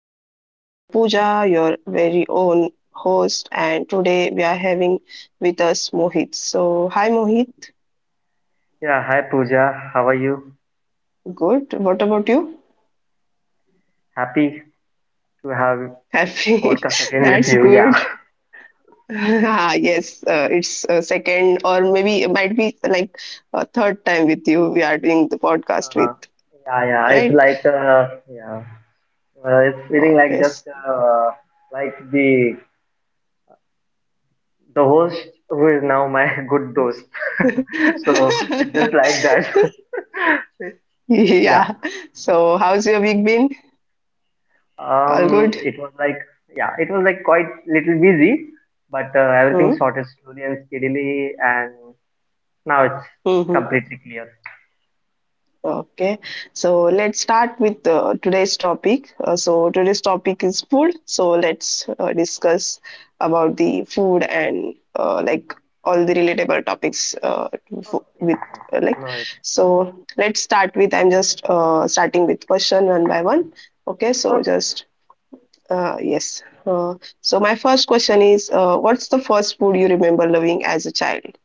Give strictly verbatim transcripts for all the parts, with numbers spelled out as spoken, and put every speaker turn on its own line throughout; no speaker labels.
So I'm Pooja, your very own host, and today we are having with us Mohit. So hi Mohit.
Yeah, hi Pooja. How are you?
Good. What about you?
Happy to have
Happy.
podcast again with
That's
you. Yeah.
good. Ah, yes, uh, it's uh, second or maybe it might be like uh, third time with you we are doing the podcast with,
Uh, yeah, yeah. It's
right?
like uh, yeah. Uh, it's feeling like
Okay.
just
so-
uh, like the the host who is now my good host. So it's just like that. Yeah.
Yeah. So how's your week been? All
Um.
good?
It was like yeah. It was like quite little busy, but uh, everything
Hmm?
sorted slowly and steadily, and now it's
Hmm, hmm.
completely clear.
Okay, so let's start with uh, today's topic. Uh, so today's topic is food. So let's uh, discuss about the food and uh, like all the relatable topics uh, to fo-
Okay.
with uh,
Okay.
like.
No issue.
So let's start with. I'm just uh, starting with question one by one. Okay, so
Okay.
just uh, yes. Uh, so my first question is, uh, what's the first food you remember loving as a child?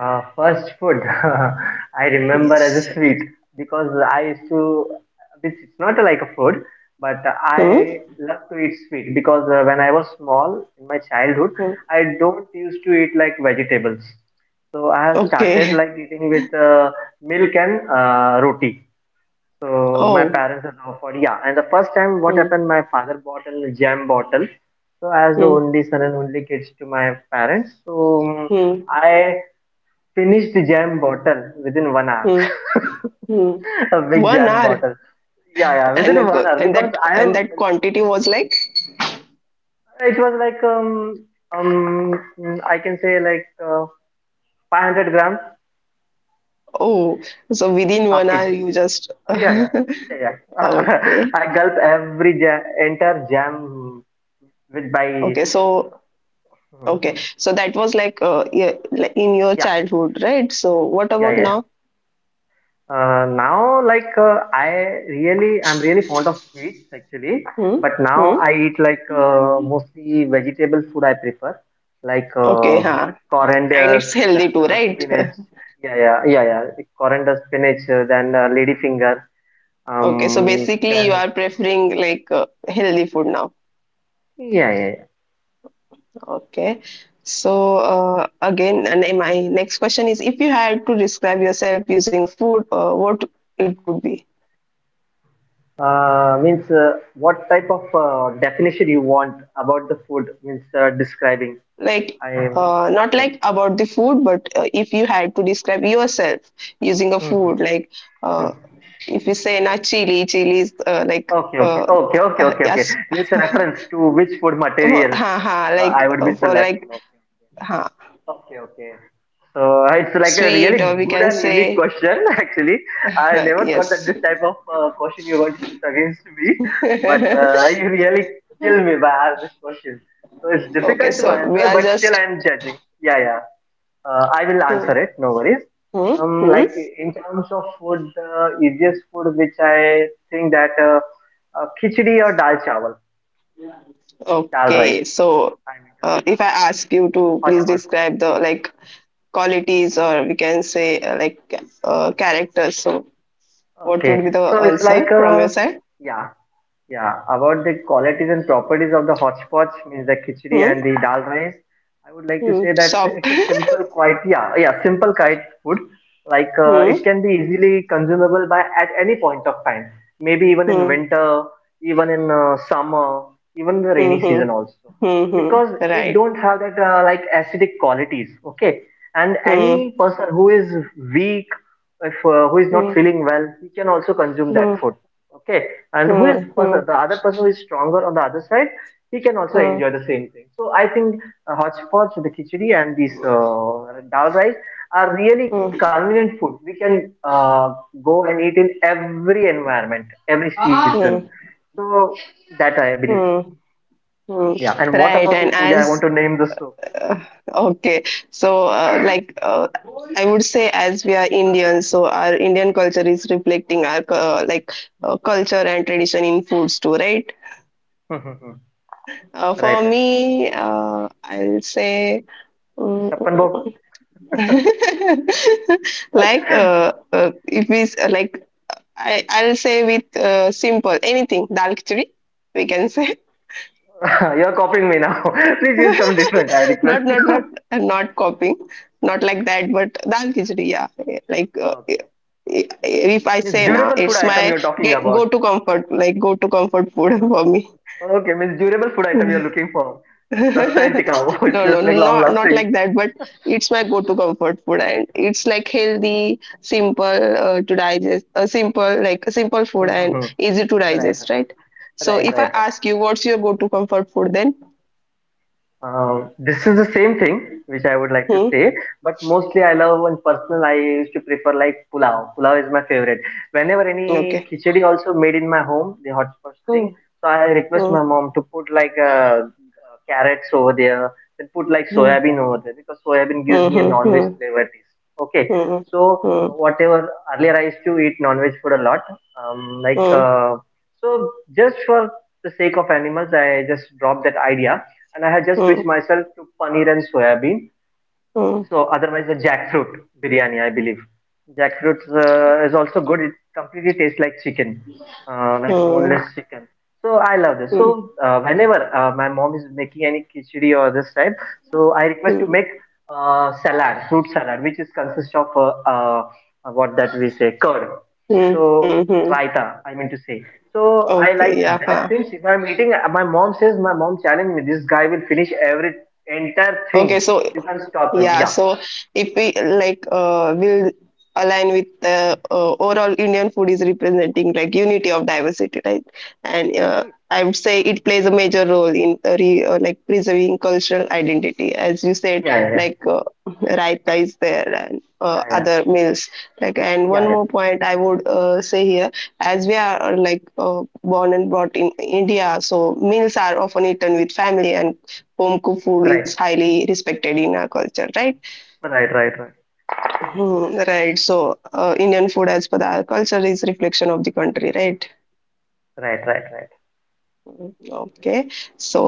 Uh, first food I remember as a
Yes.
sweet because I used to. This it's not like a food, but I
Hmm?
love to eat sweet because uh, when I was small in my childhood,
Hmm.
I don't used to eat like vegetables. So I have started
Okay.
like eating with uh, milk and uh, roti. So my
Oh.
parents have offered, yeah. And the first time what
Hmm.
happened, my father bought a jam bottle. So as the
Hmm.
only son and only kids to my parents, so um,
Hmm.
I finished the jam bottle within one hour.
Hmm. Hmm.
A big
One
jam
hour,
bottle. Yeah, yeah,
and
within
a
one
co-
hour
and
because
that
I
and
am.
that quantity was like
It was like um um I can say like uh, five hundred grams,
oh, so within
half
one
kilo.
hour you just
Yeah, yeah, yeah, yeah.
okay,
I gulp every jam, entire jam with by.
okay. So okay, so that was like uh, yeah, like in your
Yeah,
childhood, right? So what
yeah,
about
yeah.
now?
Uh, now, like uh, I really, I'm really fond of sweets actually.
Hmm.
But now
Hmm.
I eat like uh, mostly vegetable food. I prefer like
Okay.
uh,
Huh. And
coranders,
it's
then
healthy too,
uh,
right?
spinach. Yeah, yeah, yeah, yeah. Coriander, spinach, uh, then uh, ladyfinger.
okay. So
Um,
basically, you
then
are preferring like uh, healthy food now.
yeah, yeah.
Okay. So uh, again, and my next question is, if you had to describe yourself using a food, uh, what it would be?
Yeah. Uh, means uh, what type of uh, definition you want about the food? Means uh, describing.
Like,
I want
uh,
to know with
not
you.
like about the food, but uh, if you had to describe yourself using a food, like uh,
Mhm.
if you say na chili, chili is uh, like
Okay, okay,
uh,
okay, okay,
uh,
okay, okay.
yes,
Means a reference to which food
for,
material
ha ha,
uh, I
like
would be
uh, for
selecting.
like
Okay,
ha
okay, okay. So it's like a really
sweet, or we
good
can
and unique
say
question. Actually, I never thought that
yes.
this type of uh, question you're going to shoot against me, but uh, you really kill me by this question. So it's
Okay,
difficult to
so we
answer,
are
but still
just.
I'm judging. Yeah, yeah. Uh, I will
Hmm,
answer it, no worries.
hmm,
Um,
hmm.
like in terms of food, the easiest food which I think that uh, uh, khichdi or dal chawal, dal
Okay,
rice.
so
I mean to
uh,
say,
if I ask you to
hot
please
food.
describe the
Hmm.
like qualities or we can say uh, like uh, characters, so what
Okay,
would be the
so it's like
answer from your
uh,
side?
yeah. Yeah, about the qualities and properties of the hotchpotch, means the khichdi
Hmm?
and the dal rice, I would like to
Hmm.
say that
Soft.
it's a simple, quite, yeah, yeah, simple kite food. Like uh,
Hmm.
it can be easily consumable by at any point of time, maybe even in
Hmm.
winter, even in uh, summer, even the
Hmm.
rainy
Hmm.
season also,
Hmm. hmm.
because it
Right.
don't have that uh, like acidic qualities. Okay, and
Hmm.
any person who is weak, if uh, who is
Hmm.
not feeling well, he can also consume
Hmm.
that
Hmm.
food. Okay. And who
Hmm.
is person,
Hmm.
the other person who is stronger on the other side, he can also
Hmm.
enjoy the same thing. So I think uh, hotchpotch, the khichdi and this uh, dal rice are really convenient food. We can uh, go and eat in every environment, every season.
Hmm.
So that I believe so.
Hmm. Hmm.
Yeah. And what about you,
Right. And
puja I want to
as
name the soup.
uh, okay, so uh, like uh, I would say, as we are Indians, so our Indian culture is reflecting our uh, like uh, culture and tradition in foods too, right? Uh,
Right,
for
right,
me, uh, I'll say mm,
chappan bhog.
like uh, uh, if we s- like I I'll say with uh, simple anything dal khichdi we can say
You're copying me now. Please use some different, I request
not not not
you.
I'm not copying not like that but dal khichdi yeah like uh,
Okay,
if I
this
say na
durable food
it's
item
my
you're talking
get, go
about.
to comfort like go to comfort food for me
Okay, means durable food item you're looking for. Sustained. It's
no no
just like long
not not
lasting.
like that but it's my go to comfort food and it's like healthy simple uh, to digest a simple like a simple food
Right, right,
and easy to
right,
digest right so
right.
if I
Right.
ask you what's your go to comfort food then
Uh, this is the same thing which I would like to
hmm
say, but mostly I love and personal. I used to prefer like pulao. Pulao is my favorite. Whenever any
okay
khichdi also made in my home, the hot sauce
hmm.
thing, so I request
Hmm.
my mom to put like uh, uh, carrots over there, then put like soya bean over there because soya bean gives me a
Mhm,
non-veg
mhm,
flavor taste. Okay,
mhm,
so
mhm,
uh, whatever earlier I used to eat non-veg food a lot, um, like
mhm,
uh, so just for the sake of animals, I just dropped that idea and I had just
mhm,
switched myself to paneer and soya bean. So otherwise, the jackfruit biryani, I believe. Jackfruit uh, is also good. It completely tastes like chicken, uh, like a boneless chicken. So I love this.
mhm,
So uh, whenever uh, my mom is making any khichdi or this type, so I request to
mhm,
make uh, salad, fruit salad, which is consists of uh, uh, what that we say curd.
mhm,
So
mhm.
raita, I mean to say. So I
Okay,
like
yeah. huh.
that things. If I'm eating, uh, my mom says, my mom challenged me. This guy will finish every entire
Okay,
thing,
so
you can stop him.
Yeah,
Yeah.
so if we like uh, will align with the uh, overall Indian food is representing like unity of diversity, right? And uh,
Yeah,
I would say it plays a major role in uh, re, uh, like preserving cultural identity, as you said,
yeah, yeah,
like uh, raita is there and uh,
yeah, yeah,
other meals. Like, and one
yeah, yeah.
more point I would uh, say here, as we are uh, like uh, born and brought in India, so meals are often eaten with family and home-cooked food is
Right,
highly respected in our culture, right?
right, right, right,
Hmm, right. So, uh, Indian food, as per our culture, is reflection of the country, right?
right, right, right.
Mhm. Okay. So,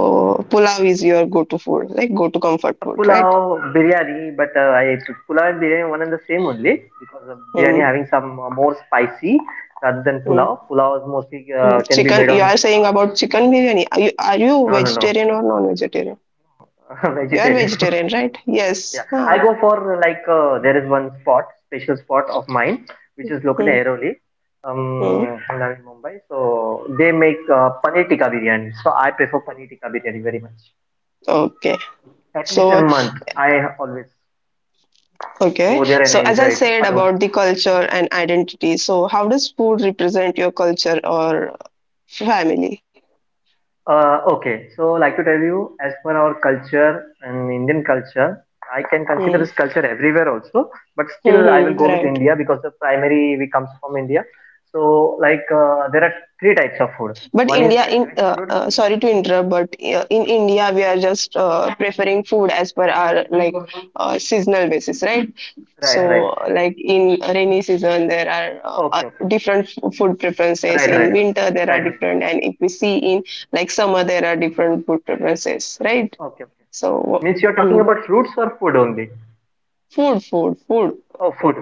pulao is your go-to food, like go-to comfort
Uh,
food, right?
Pulao, biryani, but uh, I pulao and biryani one and the same only because uh, biryani
Hmm.
having some uh, more spicy rather than
hmm,
pulao. Pulao is mostly
hmm.
uh, can be made
Chicken. You
on
are saying
uh,
about chicken biryani. Are you, are you
no, no, no,
vegetarian or non-vegetarian? You are
vegetarian.
vegetarian, right?
Yeah,
Yes.
I
Huh.
go for uh, like uh, there is one spot, special spot of mine, which is located in
Hmm.
Airoli.
Hmm.
Um, I'm now in Mumbai, so they make uh, paneer tikka biryani. So I prefer paneer tikka biryani very much,
Okay.
at least in a
So
month. I always
Okay,
go there and
so as I
enjoy it
said
alone.
about the culture and identity, so how does food represent your culture or family?
Uh, okay, so like to tell you, as per our culture and Indian culture, I can consider
Hmm.
this culture everywhere also, but still I will
hmm
go with
Right.
India because the primary we comes from India. So like uh, there are three types of food.
But
One is
India, in
Satvic
uh,
food.
uh, sorry to interrupt, but uh, in
No,
India we are just uh, preferring food as per our like uh, seasonal basis, right?
right, right.
So like in rainy season there are uh, uh,
Okay, okay.
different f- food preferences.
Right, right,
In
right,
winter there are
right. Right.
different, and if we see in like summer there are different food preferences, right?
Okay, okay.
So.
Means you're talking
Hmm.
about fruits or food only?
Food, food, food.
Oh, food.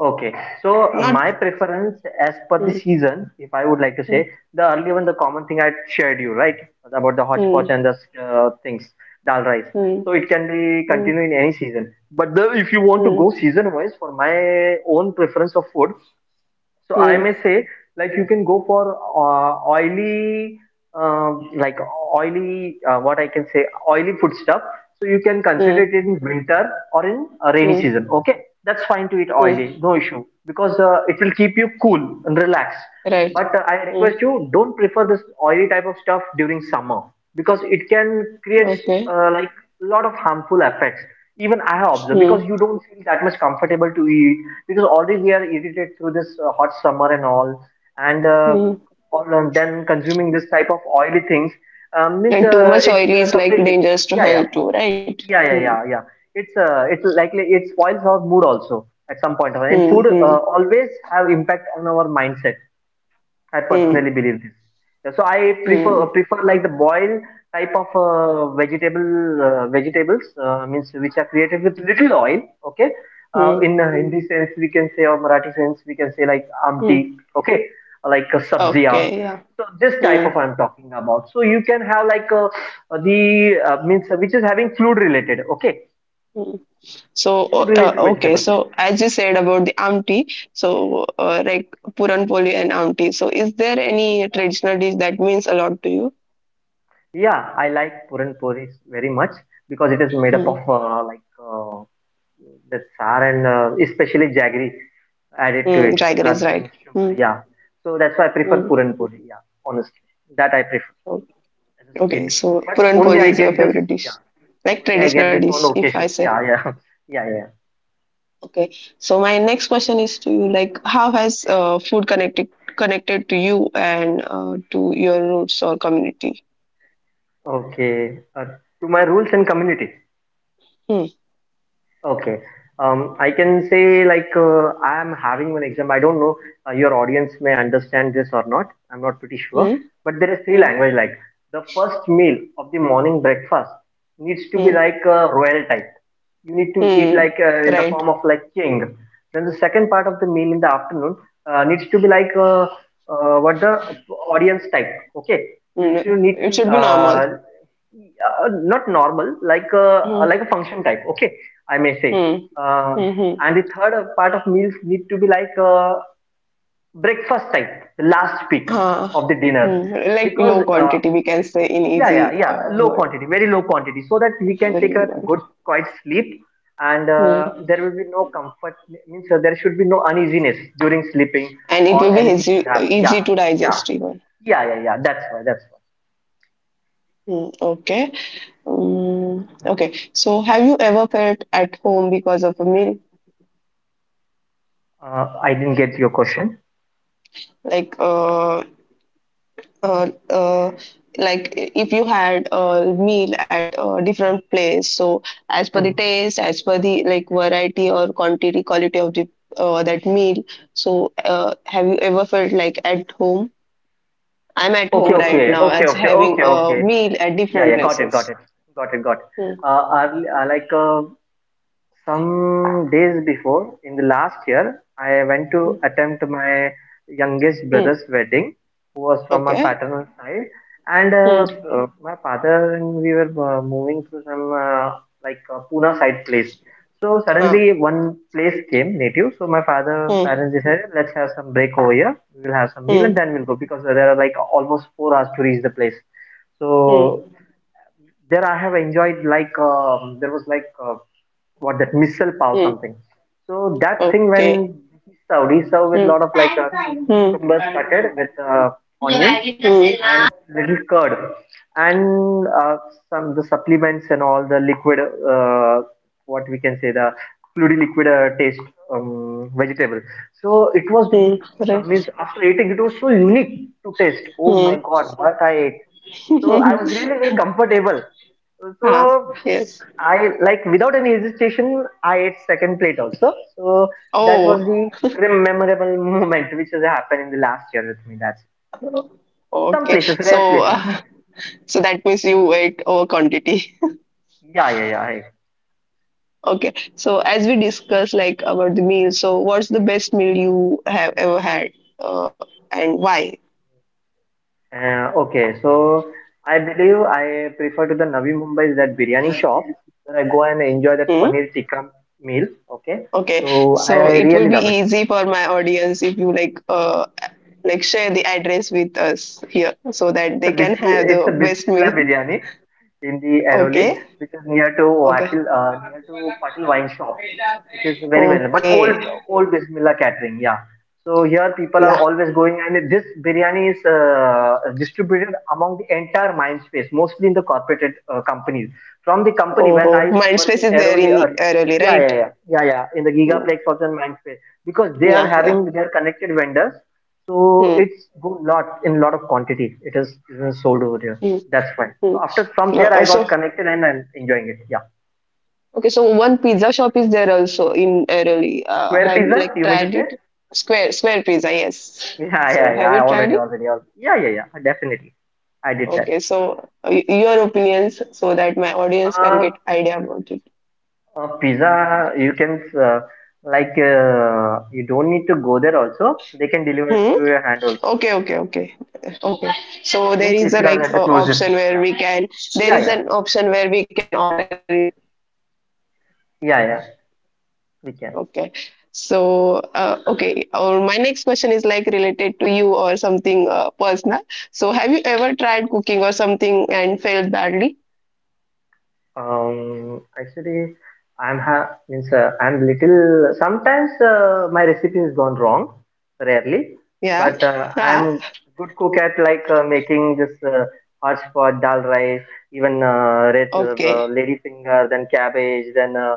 Okay. So
Not.
my preference as per the
Hmm,
season, if I would like to
hmm,
say, the earlier one, the common thing I shared you, right? About the hodgepodge
hmm,
and the uh, things, dal rice.
hmm,
So it can be
hmm,
continue in any season. But the, if you want to go
hmm,
season wise, for my own preference of food, so I may
hmm,
say like you can go for uh, oily, um, like oily, uh, what I can say oily food stuff. So you can consider it
hmm.
in winter or in a rainy
mm,
season. Okay, that's fine to eat
mm.
oily, no issue because uh, it will keep you cool and relaxed.
Right.
But uh, I
Hmm.
request you don't prefer this oily type of stuff during summer because it can create
okay.
uh, like a lot of harmful effects. Even I have observed because
Hmm.
you don't feel that much comfortable to eat because already we are irritated through this uh, hot summer and all, and uh,
Hmm.
all, and then consuming this type of oily things, um, means
And too
uh,
much
it's
oily
uh,
is like
completely.
dangerous to
Yeah, yeah,
health too, right?
yeah, yeah,
Hmm.
yeah, yeah. It's uh, it's likely it spoils our mood also at some point of time. And
Hmm.
food
Hmm.
uh, always have impact on our mindset, I
Hmm.
personally believe this. Yeah. So I
Hmm.
prefer prefer like the boil type of uh, vegetable uh, vegetables, uh, means which are created with little oil. Okay, uh,
Hmm.
in uh, Hindi sense we can say or Marathi sense we can say like
mm.
amti. Okay, like a sabziya.
Okay. Yeah.
So this type
Hmm.
of I'm talking about. So you can have like uh, the uh, means which is having fluid related. Okay,
Hmm. So,
fluid
uh,
related
okay.
vegetables.
So, as you said about the Amti, so uh, like Puran Poli and Amti. So, is there any traditional dish that means a lot to
Yeah, I like Puran Puri very much because it is made up of
you?
uh, like uh, the char and uh, especially jaggery added to it
Mm, Jigar is
rather
right.
than sugar.
Mm,
Yeah, so that's why I prefer
mm.
Puran Puri. Yeah, honestly, that I prefer
O-
as a sweet.
Okay, so
But
puran
only
poli
I
is your
get this.
favorite dish,
Yeah,
like
only I get
traditional
this on
dish, if I
occasions.
say.
Yeah, yeah, yeah, yeah.
Okay, so my next question is to you, like, how has uh, food connected connected to you and uh, to your roots or community?
Okay, uh, to my rules and community.
Hmm.
Okay. Um, I can say like uh, I am having one example. I don't know uh, your audience may understand this or not. I'm not pretty sure.
Hmm.
But there is three
Hmm.
language like the first meal of the morning breakfast needs to be
Hmm.
like a royal type. You need to eat
Hmm.
like uh, in the
Right.
form of like king. Then the second part of the meal in the afternoon uh, needs to be like uh, uh, what the audience type. Okay. You, you
Mm.
need
It
to
should be
uh,
normal.
uh, not normal, like a
Hmm.
like a function type. Okay, I may say.
Hmm.
Uh,
Hmm.
and the third uh, part of meals need to be like uh breakfast type, the last peak
Ah.
of the dinner,
Hmm. Like
because
low
uh,
quantity, we can say in
yeah, yeah,
easy
yeah,
uh,
low
word.
quantity, very low quantity, so that we can
Very
take
low
a
quantity.
good, quiet sleep, and uh,
Hmm.
there will be no comfort means uh, there should be no uneasiness during sleeping
and it will
or
be
anything should
easy,
happen. Yeah,
easy to
yeah,
digest even.
yeah, yeah, yeah. That's why. That's why.
Hmm, okay. Um, okay. So, have you ever felt at home because of a meal?
Uh, I didn't get your question.
Like, uh, uh, uh, like if you had a meal at a different place, so as per the
Hmm.
taste, as per the like variety or quantity, quality of the uh, that meal. So, uh, have you ever felt like at home? I'm at
Okay,
home right
okay,
now
okay,
as
okay,
having
okay,
a
okay.
meal at
Yeah,
different
yeah, got it, got
places.
it, got it, got it.
Hmm,
Uh, are, are like uh, some days before in the last year I went to
hmm,
attempt my youngest
hmm.
brother's wedding, who was from my
Okay.
paternal side, and uh,
Hmm.
uh, my father and we were uh, moving to some uh, like uh, Pune side place, so
Ah.
suddenly one place came native, so my father
hmm
parents decided let's have some break over here, we will have some meal
hmm
and then we'll go, because there are like almost four hours to reach the place. So
Hmm.
there I have enjoyed, like um, there was like uh, what that missile pow
Hmm.
something. So that thing, when
Okay.
he served, he served with a
Hmm.
lot of like uh, two three
Hmm.
cucumbers cutted with uh,
Hmm.
onions
hmm Right.
and little curd and uh, some the supplements and all the liquid, uh, what we can say, the fluidy liquid uh, taste um, vegetable. So it was,
hmm
uh,
अरे,
means after eating, it was so unique to taste. Oh my
hmm,
God, what I ate! So I was really very comfortable.
हाँ
So
Yes.
I, like, without any hesitation, I ate second plate also. So that was
Oh.
the rem- memorable moment which has happened in the last year with me. That's some
Okay.
places,
So.
rare places.
Uh,
Not
so that means you ate over quantity.
in- Yeah, yeah, yeah. I-
okay. So as we discussed like about the meal. So what's the best meal you have ever had? Uh, and why?
Uh, okay, so I believe I prefer to the Navi Mumbai, is that biryani shop where I go and enjoy
Hmm.
that paneer tikka meal. Okay,
Okay.
so I
So it will
really
be
love it.
easy for my audience if you like uh, like share the address with us here so that
It's
they
a
can
bismi-
have
it's
the
a
best
Bismillah
meal.
biryani in the Airoli,
Okay.
which is near to
Okay.
Vatil, uh, near to Patil wine shop, which is very well known. But old
Okay.
old Bismillah catering, yeah. So here people are
Yeah.
always going, and this biryani is uh, distributed among the entire mind space, mostly in the corporate uh, companies. From the company
Oh,
when I
oh.
used to work
Mindspace
in
is there
Airoli,
in
early,
Airoli,
yeah,
right?
yeah, yeah, yeah, yeah, in the
Hmm.
Gigaplex also in mind space, because they are
Yeah. Yeah.
having their connected vendors, so
Hmm.
it's go lot in lot of quantity. It is even sold over there.
Hmm.
That's why.
Hmm.
So after from
Uh,
there, I got
also,
connected and I'm enjoying it. Yeah.
okay. So one pizza shop is there also in Airoli. Uh,
Square
have you
pizza?
like
You mean to
tried
say?
it? Square Square Pizza. Yes.
Yeah,
So
yeah,
have
yeah. I
you tried
already,
it?
already, already. Yeah, yeah, yeah. Definitely, I did that.
Okay. So uh, y- your opinions so that my audience can
Uh,
get idea about it.
uh pizza. You can uh, like uh, you don't need to go there. Also, they can deliver it
Hmm.
to your hand. Also,
Okay, okay, okay, okay.
hmm,
So there
means
is
if
a
you are
like
at the
uh,
closest.
option where
Yeah,
we can, there
yeah,
is
yeah,
an option where we can order it, right?
yeah, yeah. We can.
Okay. So, uh, okay. Or my next question is like related to you or something uh, personal. So, have you ever tried cooking or something and failed badly?
Um, actually, I'm ha, means uh, I'm little. Sometimes uh, my recipe has gone wrong, rarely,
Yeah.
but uh,
Ah.
I'm good cook at like uh, making this uh, hotspot dal rice, even uh, red
Okay.
uh, lady finger, then cabbage, then uh,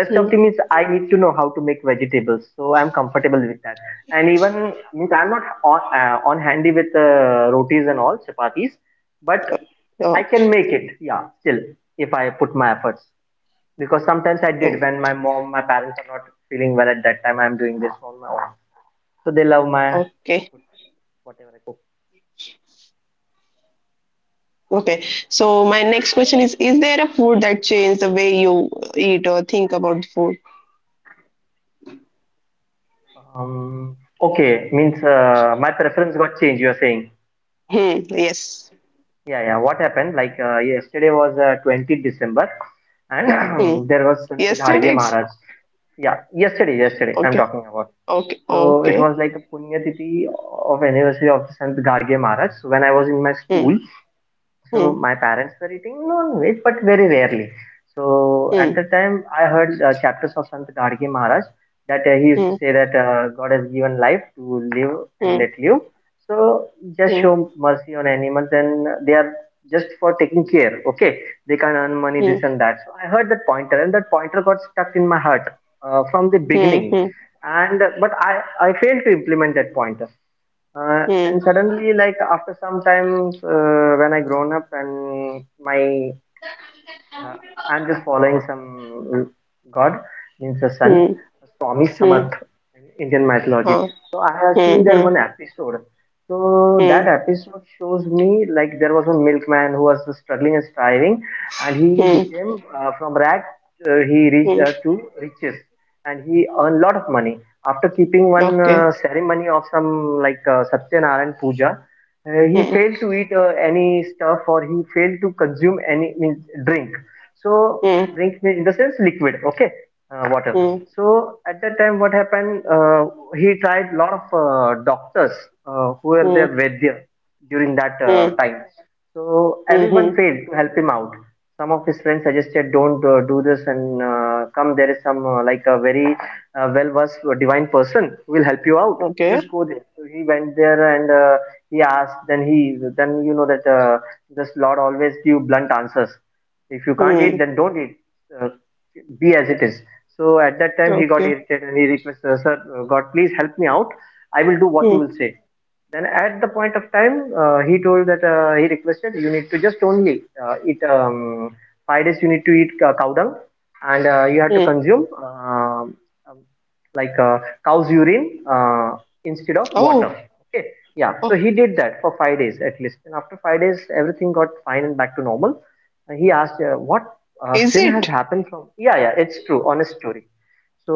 rest of the, means I need to know how to make vegetables, so I'm comfortable with that. And even means I'm not on uh, on handy with uh, rotis and all chapatis, but
Oh,
I can make it, yeah, still, if I put my efforts. Because sometimes I
oh,
did when my mom, my parents are not feeling well, at that time, I'm doing this on my own. So they love my
okay.
food, whatever I cook.
Okay. So my next question is, is there a food that changed the way you eat or think about food?
Um, okay, means uh, my preference got changed, you're saying.
Hmm, yes.
Yeah, yeah, what happened? Like uh, yesterday was uh, twentieth December
Hmm.
and there was Sant Gharge
Yesterday it's
Maharaj. Yeah, yesterday, yesterday, I'm
okay,
talking about.
okay,
So it
okay.
was like a Punya Titi of anniversary of Sant Garge Maharaj. So when I was in my
Hmm,
school, so
hmm,
my parents were eating non-veg, but very rarely. So at
hmm,
the time, I heard uh, chapters of Sant Gadgil Maharaj, that uh, he used to
hmm,
say that uh, God has given life to live and
hmm,
let live. So just
hmm,
show mercy on animals, and they are just for taking care. Okay, they can earn money, this
hmm,
and that. So I heard that pointer, and that pointer got stuck in my heart uh, from the
hmm,
beginning.
hmm,
And uh, but I I failed to implement that pointer. Uh, and
hmm,
suddenly, like after some time, uh, when I grown up and my uh, I'm just following some god, means a saint,
hmm,
Swami
hmm,
Samarth in Indian mythology.
huh,
So I have
hmm,
seen there
hmm,
one episode. So that
hmm,
episode shows me like there was one milkman who was struggling and striving, and he
hmm,
became uh, from rag, uh, he reached
hmm,
uh, to riches and he earned a lot of money. After keeping one
okay.
uh, ceremony of some like uh, satyanarayan puja, uh, he
Hmm,
failed to eat uh, any stuff, or he failed to consume any, means drink, so
hmm,
drink means in the sense liquid, okay, uh, water.
hmm,
So at that time, what happened, uh, he tried lot of uh, doctors, uh, who were
hmm,
their vaidya during that uh,
hmm,
time, so
hmm,
everyone
hmm,
failed to help him out. Some of his friends suggested, "Don't uh, do this," and uh, come. There is some uh, like a very uh, well-versed uh, divine person who will help you out.
okay.
Just go there. So he went there and uh, he asked. Then he, then you know that uh, this Lord always give blunt answers. If you can't eat,
Hmm,
then don't eat. Uh, be as it is. So at that time, he got
okay.
irritated and he requested, "Sir, uh, God, please help me out. I will do what you
Hmm,
will say." Then at the point of time, uh, he told that uh, he requested, you need to just only uh, eat um, five days. You need to eat uh, cow dung, and uh, you have to
hmm.
consume um um, like uh, cow's urine uh, instead of water.
Oh,
Okay, yeah. So
oh,
he did that for five days at least, and after five days, everything got fine and back to normal. And he asked, uh, "What uh,
is
sin has
it?
happened from?" Yeah, yeah, it's true, honest story.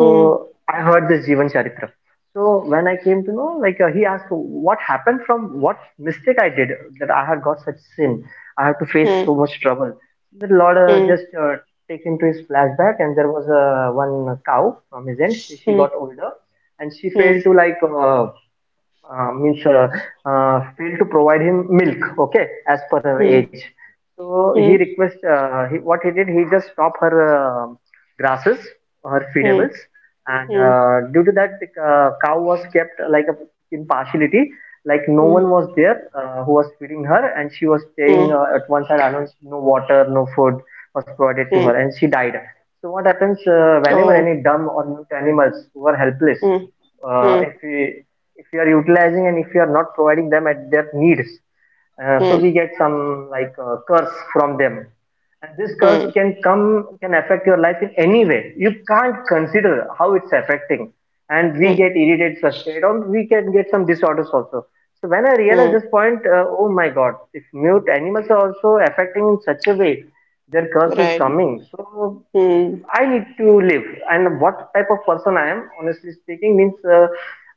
Hmm,
I heard this Jivan Charitra. So when I came to know, like uh, he asked, what happened, from what mistake I did that I had got such sin? I have to face
hmm,
so much trouble. The Lord uh,
hmm,
just uh, take him to his flashback, and there was uh, one cow from his end. She, she
hmm,
got older, and she
hmm,
failed to like, uh, uh, means uh, uh, failed to provide him milk, okay, as per her age.
hmm,
So
hmm,
he
hmm,
request, uh, he, what he did, he just stopped her uh, grasses, her feedables, and
hmm,
uh, due to that, the uh, cow was kept uh, like a, in partiality, like no
hmm,
one was there uh, who was feeding her, and she was staying
hmm,
uh, at one side alone, no water, no food was provided to
hmm.
her, and she died. So what happens, uh, whenever
Oh,
any dumb or mute animals, who are helpless,
hmm,
uh,
hmm,
if we, if we are utilizing and if we are not providing them at their needs,
hmm,
uh, so
hmm,
we get some like uh, curse from them, and this curse
hmm.
can come, can affect your life in any way, you can't consider how it's affecting, and we
Hmm.
get irritated, frustrated, or we can get some disorders also. So when I realized
hmm.
this point, uh, oh my God, if mute animals are also affecting in such a way, their curse is
Right.
coming, so
Hmm.
I need to live. And what type of person I am, honestly speaking, means uh,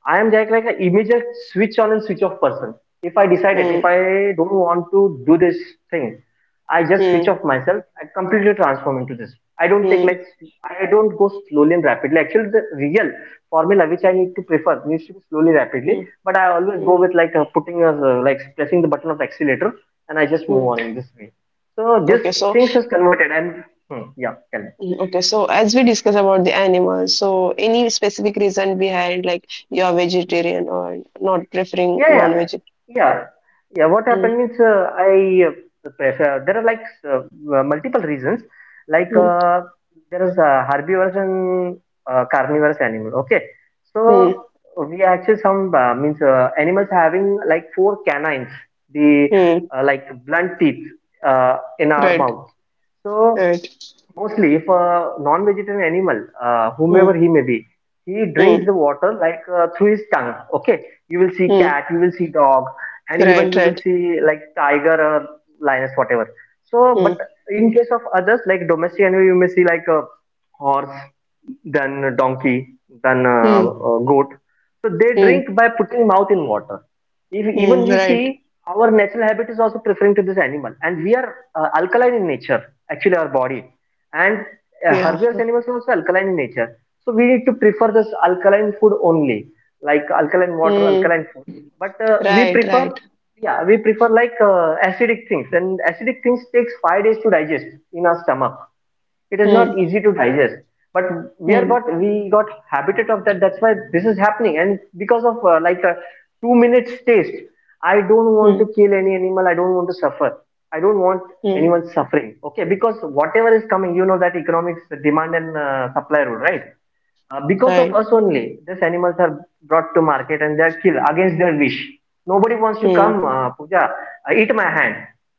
I am just like an immediate switch on and switch off person. If I decided, if
Hmm.
I don't want to do this thing, I just switch
Hmm.
off myself. I completely transform into this. I don't take,
Hmm.
like I don't go slowly and rapidly. Actually, the real formula which I need to prefer needs to be slowly rapidly,
Hmm.
but I always
Hmm.
go with like uh, putting uh, like pressing the button of accelerator, and I just move
hmm.
on in this way. So this
Okay. So
things is converted and hmm, yeah, tell me.
mm, okay. So as we discuss about the animals, so any specific reason behind like you are vegetarian or not preferring
Yeah, yeah,
non-vegetarian?
yeah, yeah. What happened,
Hmm.
means uh, I uh, prefer. There are like uh, uh, multiple reasons. Like
Hmm.
uh, there is uh, herbivores and uh, carnivorous animal. Okay, so
Hmm.
we actually, some uh, means uh, animals having like four canines, the
hmm.
uh, like blunt teeth uh, in our
Right.
mouth. So
Right.
mostly, if a non-vegetarian animal, uh, whomever
Hmm.
he may be, he
Hmm.
drinks the water like uh, through his tongue. Okay, you will see
Hmm.
cat, you will see dog, and even
Right.
you will
Right.
see like tiger or lioness, whatever. So but
Hmm.
in case of others, like domestic animal, you may see like a horse, then donkey, then a,
Hmm.
a goat. So they
Hmm.
drink by putting mouth in water. If even
Hmm.
we
Right.
see, our natural habit is also preferring to this animal, and we are uh, alkaline in nature. Actually, our body and uh,
Yeah.
herbivorous animals are also alkaline in nature. So we need to prefer this alkaline food only, like alkaline water,
Hmm.
alkaline food. But uh, we
Right. Right.
prefer, yeah, we prefer like uh, acidic things, and acidic things takes five days to digest in our stomach. It is
Hmm.
not easy to digest, but we are
Hmm.
got we got habited of that. That's why this is happening. And because of uh, like a two minutes taste, I don't want to
Hmm.
kill any animal. I don't want to suffer. I don't want
Hmm.
anyone suffering. Okay, because whatever is coming you know that economics demand and uh, supply rule, right? Uh, because of
Right.
us only, these animals are brought to market and they are killed against their wish. Nobody wants to
Hmm.
come, uh, Puja, uh, eat my hand.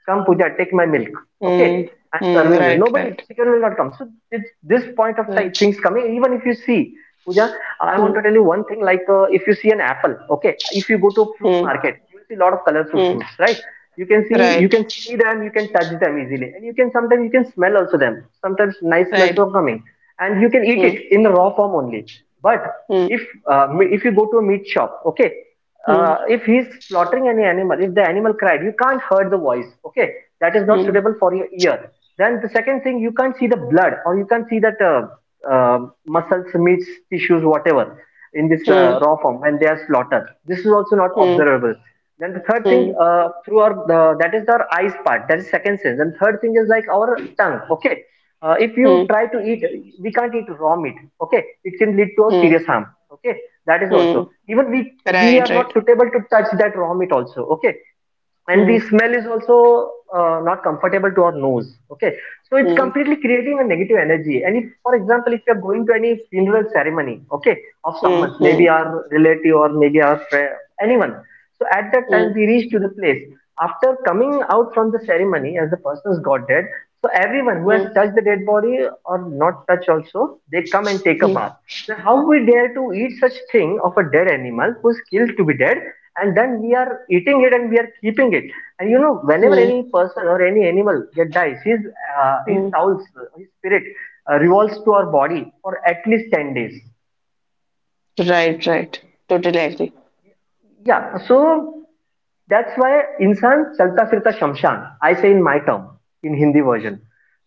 Come, Puja, take my milk.
Hmm.
Okay, I'm
Hmm.
serving you.
Right. Right.
Nobody, chicken will not come. So this, this point of
Right.
time, things coming, even if you see, Pooja, I
Hmm.
want to tell you one thing. Like, uh, if you see an apple, okay, if you go to a fruit
Hmm.
market, you will see a lot of colorful
Hmm.
fruits, right? You can see, you
Right.
can see them, you can touch them easily, and you can sometimes you can smell also them. Sometimes nice smells
Right.
are coming, and you can eat it
Hmm.
in the raw form only. But
Hmm.
if uh, me- if you go to a meat shop, okay,
Hmm.
uh, if he's slaughtering any animal, if the animal cried, you can't hear the voice. Okay, that is not
Hmm.
suitable for your ear. Then the second thing, you can't see the blood or you can't see that uh, uh, muscles, meats, tissues, whatever in this
Hmm.
uh, raw form when they are slaughtered. This is also not
Hmm.
observable. Then the third thing,
Hmm.
uh, through our the, that is our eyes part, that is second sense. And third thing is like our tongue. Okay, uh, if you
Hmm.
try to eat, we can't eat raw meat. Okay, it can lead to a
Hmm.
serious harm. Okay, that is
Hmm.
also even we we
Right.
are not
Right.
suitable to touch that raw meat also. Okay, and
Hmm.
the smell is also uh, not comfortable to our nose. Okay, so it's
Hmm.
completely creating a negative energy. And if, for example, if you're going to any funeral ceremony, okay, of
Hmm.
someone's,
Hmm.
maybe our relative or maybe our friend, anyone. So at that time
Hmm.
we reach to the place after coming out from the ceremony as the person's got dead. So everyone who has
Hmm.
touched the dead body or not touched also, they come and take a
Hmm.
bath. Then how we dare to eat such thing of a dead animal who's killed to be dead, and then we are eating it and we are keeping it. And you know, whenever
Hmm.
any person or any animal get dies, his uh, his
Hmm.
soul's his spirit uh, revolves to our body for at least ten days.
Right. Right. Totally agree.
Yeah, so that's why insan chalta firta shamshan. I say in my term, in Hindi version.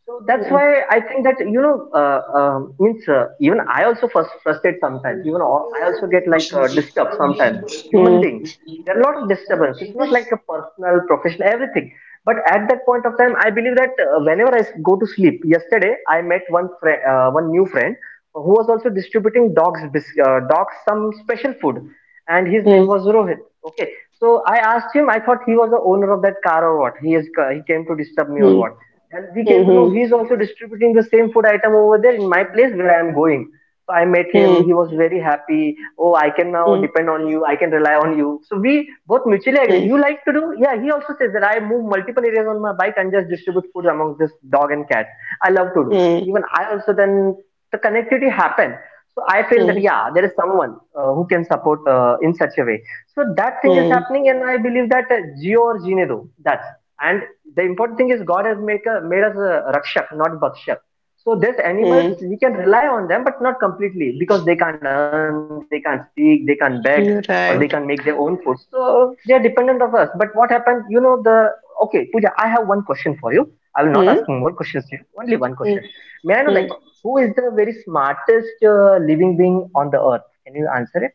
So that's
Hmm.
why I think that you know uh, uh, means uh, even I also frus- frustrate sometimes. Even al- I also get like uh, disturbed sometimes.
Hmm.
Human being,
Hmm.
there are a lot of disturbance. It's not like a personal, professional, everything. But at that point of time, I believe that uh, whenever I s- go to sleep. Yesterday, I met one friend, uh, one new friend, who was also distributing dogs, bis- uh, dogs some special food, and his
Hmm.
name was Rohit. Okay, so I asked him. I thought he was the owner of that car or what. He is he came to disturb me or
Hmm. Hmm.
what. And we
Hmm.
came to know
Hmm.
he is also distributing the same food item over there in my place where I am going. So I met him. He
Hmm.
was very happy. Oh, I can now
Hmm.
depend on you. I can rely on you. So we both mutually agreed. You like to do? Yeah. He also says that I move multiple areas on my bike and just distribute food among this dog and cat. I love to do. Even I also, then the connectivity happened. So I feel that, yeah, there is someone uh, who can support uh, in such a way. So that thing is
Hmm.
happening. And I believe that uh, geo or Jine do that. And the important thing is God has made, a, made us a rakshak not bakshak. So these animals,
Hmm.
we can rely on them, but not completely, because they can't earn, they can't speak, they can't beg, or they
hmm.
can not make their
Right.
own food. So they are dependent of us. But what happened, you know the okay, Puja, I have one question for you. I will not ask
Hmm.
more questions to you, only one question.
Hmm.
May I know, like,
Hmm.
who is the very smartest uh, living being on the earth? Can you answer it?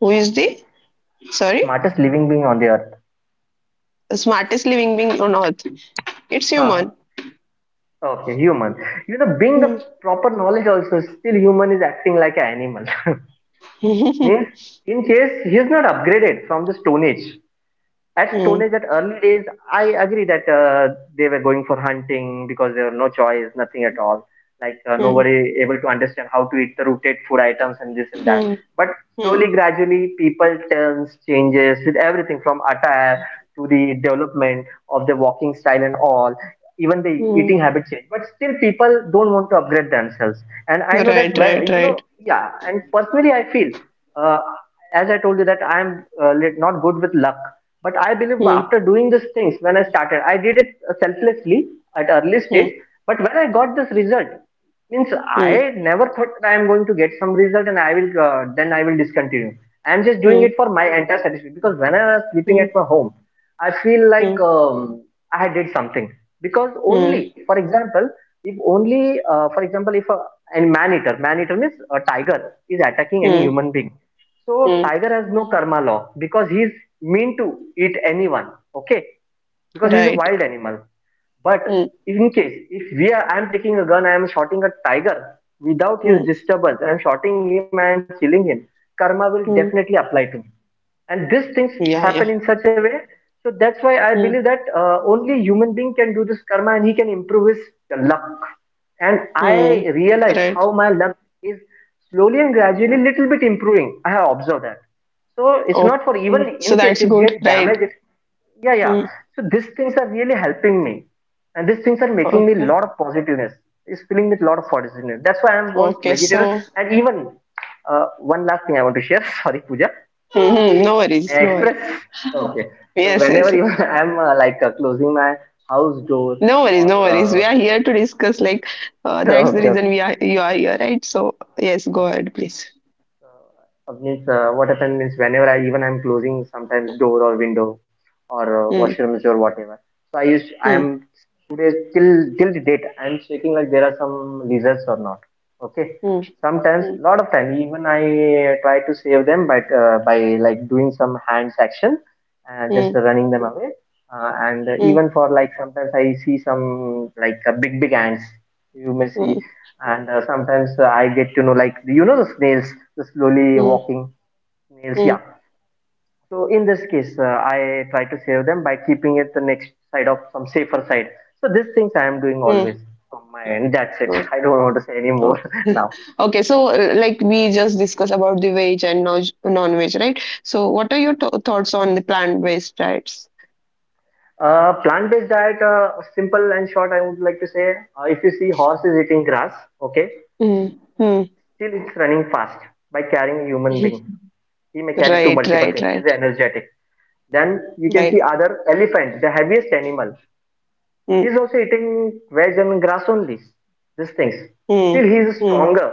Who is the? Sorry.
Smartest living being on the earth.
The smartest living being on earth. It's
Huh.
human.
Okay, human. You know, being the
Hmm.
proper knowledge also, still human is acting like an animal. Means, in case he is not upgraded from the Stone Age. At Stone Age,
Hmm.
at early days, I agree that uh, they were going for hunting because there were no choice, nothing at all. Like uh,
Hmm.
nobody able to understand how to eat the rooted food items and this and that.
Hmm.
But
Hmm.
slowly, gradually, people turns changes with everything from attire to the development of the walking style and all. Even the
Hmm.
eating habit change, but still people don't want to upgrade themselves. And I know that,
Right,
well,
right,
you
right.
know, yeah. And personally, I feel uh, as I told you that I'm uh, lit- not good with luck. But I believe
Hmm.
after doing these things, when I started, I did it selflessly at early
Hmm.
stage. But when I got this result, means
Hmm.
I never thought that I am going to get some result and I will uh, then I will discontinue. I am just doing
Hmm.
it for my entire satisfaction, because when I was sleeping
Hmm.
at my home, I feel like
Hmm.
um, I had did something. Because
Hmm.
only for example, if only, uh, for example, if a a man eater, man eater means a tiger is attacking any
Hmm.
human being. So
Hmm.
tiger has no karma law because he is mean to eat anyone, okay? Because he is a
Right.
wild animal. But
Hmm.
in case if we are, I'm taking a gun, I am shooting a tiger without
Hmm.
his disturbance, I'm shooting him and killing him, karma will definitely
Hmm.
apply to me. And these things
Yeah,
happen in
yeah.
such a way. So that's why I believe
Hmm.
that uh, only human being can do this karma and he can improve his luck. And I
Hmm.
realized
Right.
how my luck is slowly and gradually little bit improving. I have observed that. So it's not for even
Okay. So
in case
that's
if
good,
get
right?
damaged, if, yeah, yeah,
Hmm.
so these things are really helping me. And these things are making me,
Okay.
lot of positiveness is filling with lot of positiveness. That's why I want
Okay.
vegetarian.
So,
And even uh, one last thing I want to share. Sorry, Puja
hmm. hmm. no worries. No worries.
Express. Okay. So
Yes,
whenever
yes.
you, I'm uh, like uh, closing my house door
No worries, no worries. We
or
are here to discuss. Like uh,
uh,
that's the
okay, okay,
reason we are you are here, right? So yes, go
okay.
ahead, please.
Uh, means uh, what happened, means whenever I even I'm closing sometimes door or window or uh,
Mm,
washrooms or whatever. So I use
mm,
I'm today till till the date I'm checking like there are some results or not. Okay.
mm,
Sometimes
mm,
lot of time even I uh, try to save them, but uh, by like doing some hands action, uh, just
mm,
running them away. Uh, and
mm,
even for like sometimes I see some like uh, big big ants. You may see,
mm,
and uh, sometimes uh, I get to know, like, you know the snails, the slowly
mm,
walking snails.
mm,
Yeah. So in this case, uh, I try to save them by keeping it the next side of some safer side. So these things I am doing
mm.
always from my end. That's it.
Oh,
I don't want to say any more
oh.
now.
Okay, so uh, like we just discussed about the veg and non veg, right? So what are your th thoughts on the plant-based diets?
Uh, plant-based diet, uh, simple and short, I would like to say, uh, if you see horses eating grass, okay,
Mm, mm.
still it's running fast by carrying a human being. He may carry two
Right,
multiple
right,
things. He's
right,
energetic. Then you can see
right.
other elephant, the heaviest animal. He
Mm,
is also eating veg and grass only. These things. Still,
mm,
he is
mm,
stronger.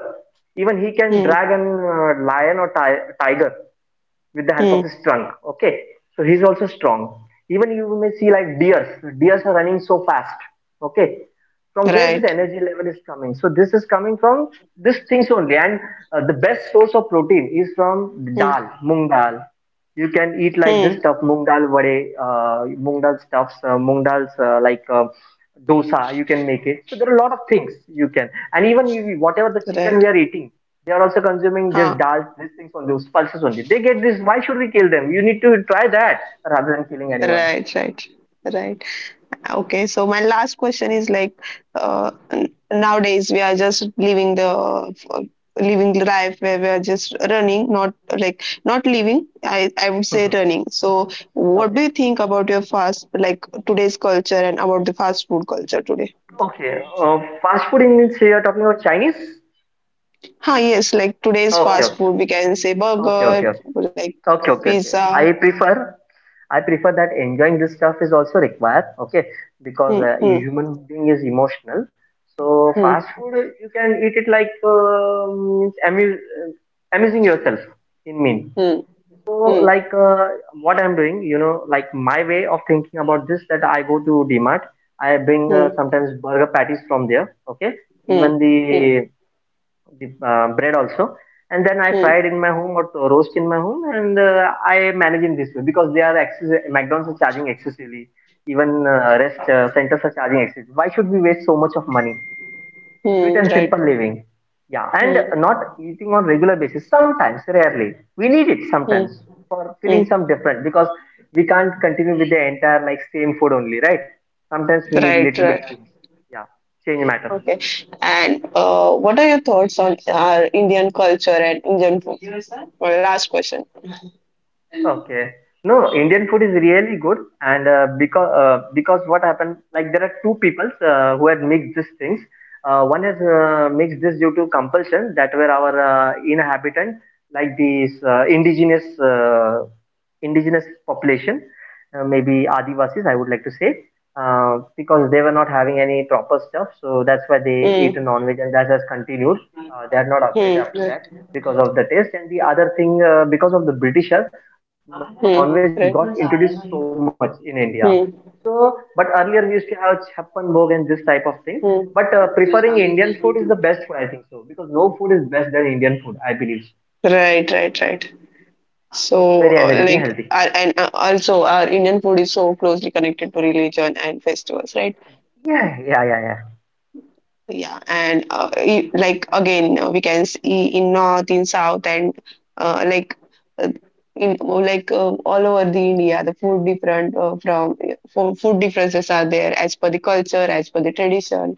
Even he can
mm,
drag an uh, lion or ti- tiger with the help of
mm.
his trunk. Okay, so he is also strong. Even you may see like deers. Deers are running so fast. Okay, from where this
Right.
energy level is coming. So this is coming from these things only. And uh, the best source of protein is from
Mm,
dal, mung dal. You can eat like this
mm,
stuff, moong dal vade, uh, moong dal stuffs, uh, moong dals uh, like uh, dosa. You can make it. So there are a lot of things you can, and even if, we- whatever the chicken we
right.
are eating, they are also consuming this
Huh.
dal, these things on those pulses only. They get this. Why should we kill them? You need to try that rather than killing anyone.
Right, right, right. Okay, so my last question is like, uh, n- nowadays we are just living the f- living the life where we are just running, not like not living. I I would say
Mhm.
running. So, what
Okay.
do you think about your fast like today's culture and about the fast food culture today?
Okay. Uh, fast food in means you are talking about Chinese?
Huh, yes, like today's
Okay,
fast
okay.
food, we can say
Okay,
burger,
okay, okay.
like
Okay, okay, okay.
pizza.
I prefer, I prefer that enjoying this stuff is also required. Okay,
Hmm,
because uh, a
hmm,
human being is emotional. So fast
hmm,
food, uh, you can eat it like uh, means amuse, uh, amusing yourself. In mean,
hmm,
so
hmm,
like uh, what I'm doing, you know, like my way of thinking about this that I go to D Mart, I bring uh,
hmm,
sometimes burger patties from there. Okay,
hmm,
even
hmm,
the the uh, bread also, and then I fry
hmm,
it in my home or to- roast in my home, and uh, I manage in this way because they are excess- McDonald's are charging excessively, even uh, rest uh, centers are charging excessively. Why should we waste so much of money? Sweet
hmm,
and
right.
simple living, yeah, and
Hmm.
not eating on regular basis. Sometimes rarely we need it,
Mm,
sometimes for feeling
mm.
some different, because we can't continue with the entire like same food only, right? Sometimes we need
Right,
little bit
right.
change. Yeah, change matters.
Okay. And uh, what are your thoughts on our Indian culture and Indian food? Well, last question.
Okay. No, no, Indian food is really good, and uh, because uh, because what happened, like there are two peoples uh, who had mixed these things. Uh, one has uh, mixed this due to compulsion that were our uh, inhabitant, like these uh, indigenous uh, indigenous population, uh, maybe Adivasis, I would like to say, uh, because they were not having any proper stuff, so that's why they ate a
Mm,
non-veg, and that has continued.
mm,
Uh, they
right.
had not upgraded
Mm,
after
right.
that because of the taste, and the other thing, uh, because of the Britishers non-veg got introduced so much in India. So, but
Hmm.
earlier we used to have chappan bhog and this type of thing. But uh, preferring
hmm.
Indian food is the best food, I think so, because no food is best than Indian food, I believe. So.
Right, right, right.
It's very energetic and
So,
healthy.
uh, like, uh, and uh, also, our Indian food is so closely connected to religion and festivals, right?
Yeah, yeah, yeah, yeah.
Yeah, and uh, i- like again, uh, we can see in north, in south, and uh, like uh, in like uh, all over the India, the food different uh, from fo- food differences are there as per the culture, as per the tradition.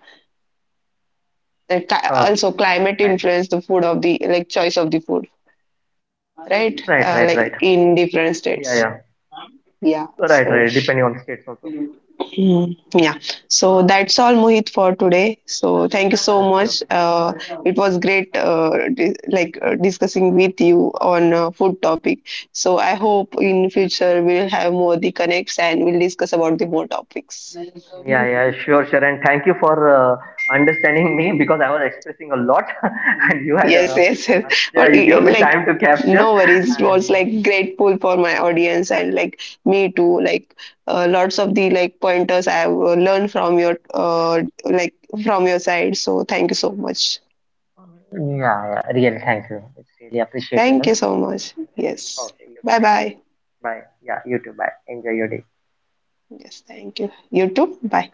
The cli-
Okay,
also climate
right,
influence the food of the like choice of the food,
right,
right?
right, right.
Uh, like in
Yeah,
different
yeah,
states. Yeah,
right, right.
so
Depending on states also.
Mhm. Yeah. So that's all, Mohit, for today. So thank you so
Okay,
much.
okay.
Uh, it was great, uh, di- like uh, discussing with you on uh, food topic. So I hope in future we'll have more the connects and we'll discuss about the more topics.
Yeah, yeah, sure, sure. And thank you for uh, understanding me because I was expressing a lot, and you had
Yes,
a
yes, yes. But
capture. You
eh,
gave me
like,
time to capture,
no worries.
and
Was
you,
like grateful for my audience and like me too. Like, uh, lots of the like pointers I have uh, learned from your uh, like from your side. So thank you so much.
yeah, yeah, really thank you. It's really
Thank
appreciable.
you so much. Yes.
Okay, you too.
Bye
Thank you.
bye.
Bye. Yeah, you too. Bye. Enjoy your day.
Yes. Thank you. You too. Bye.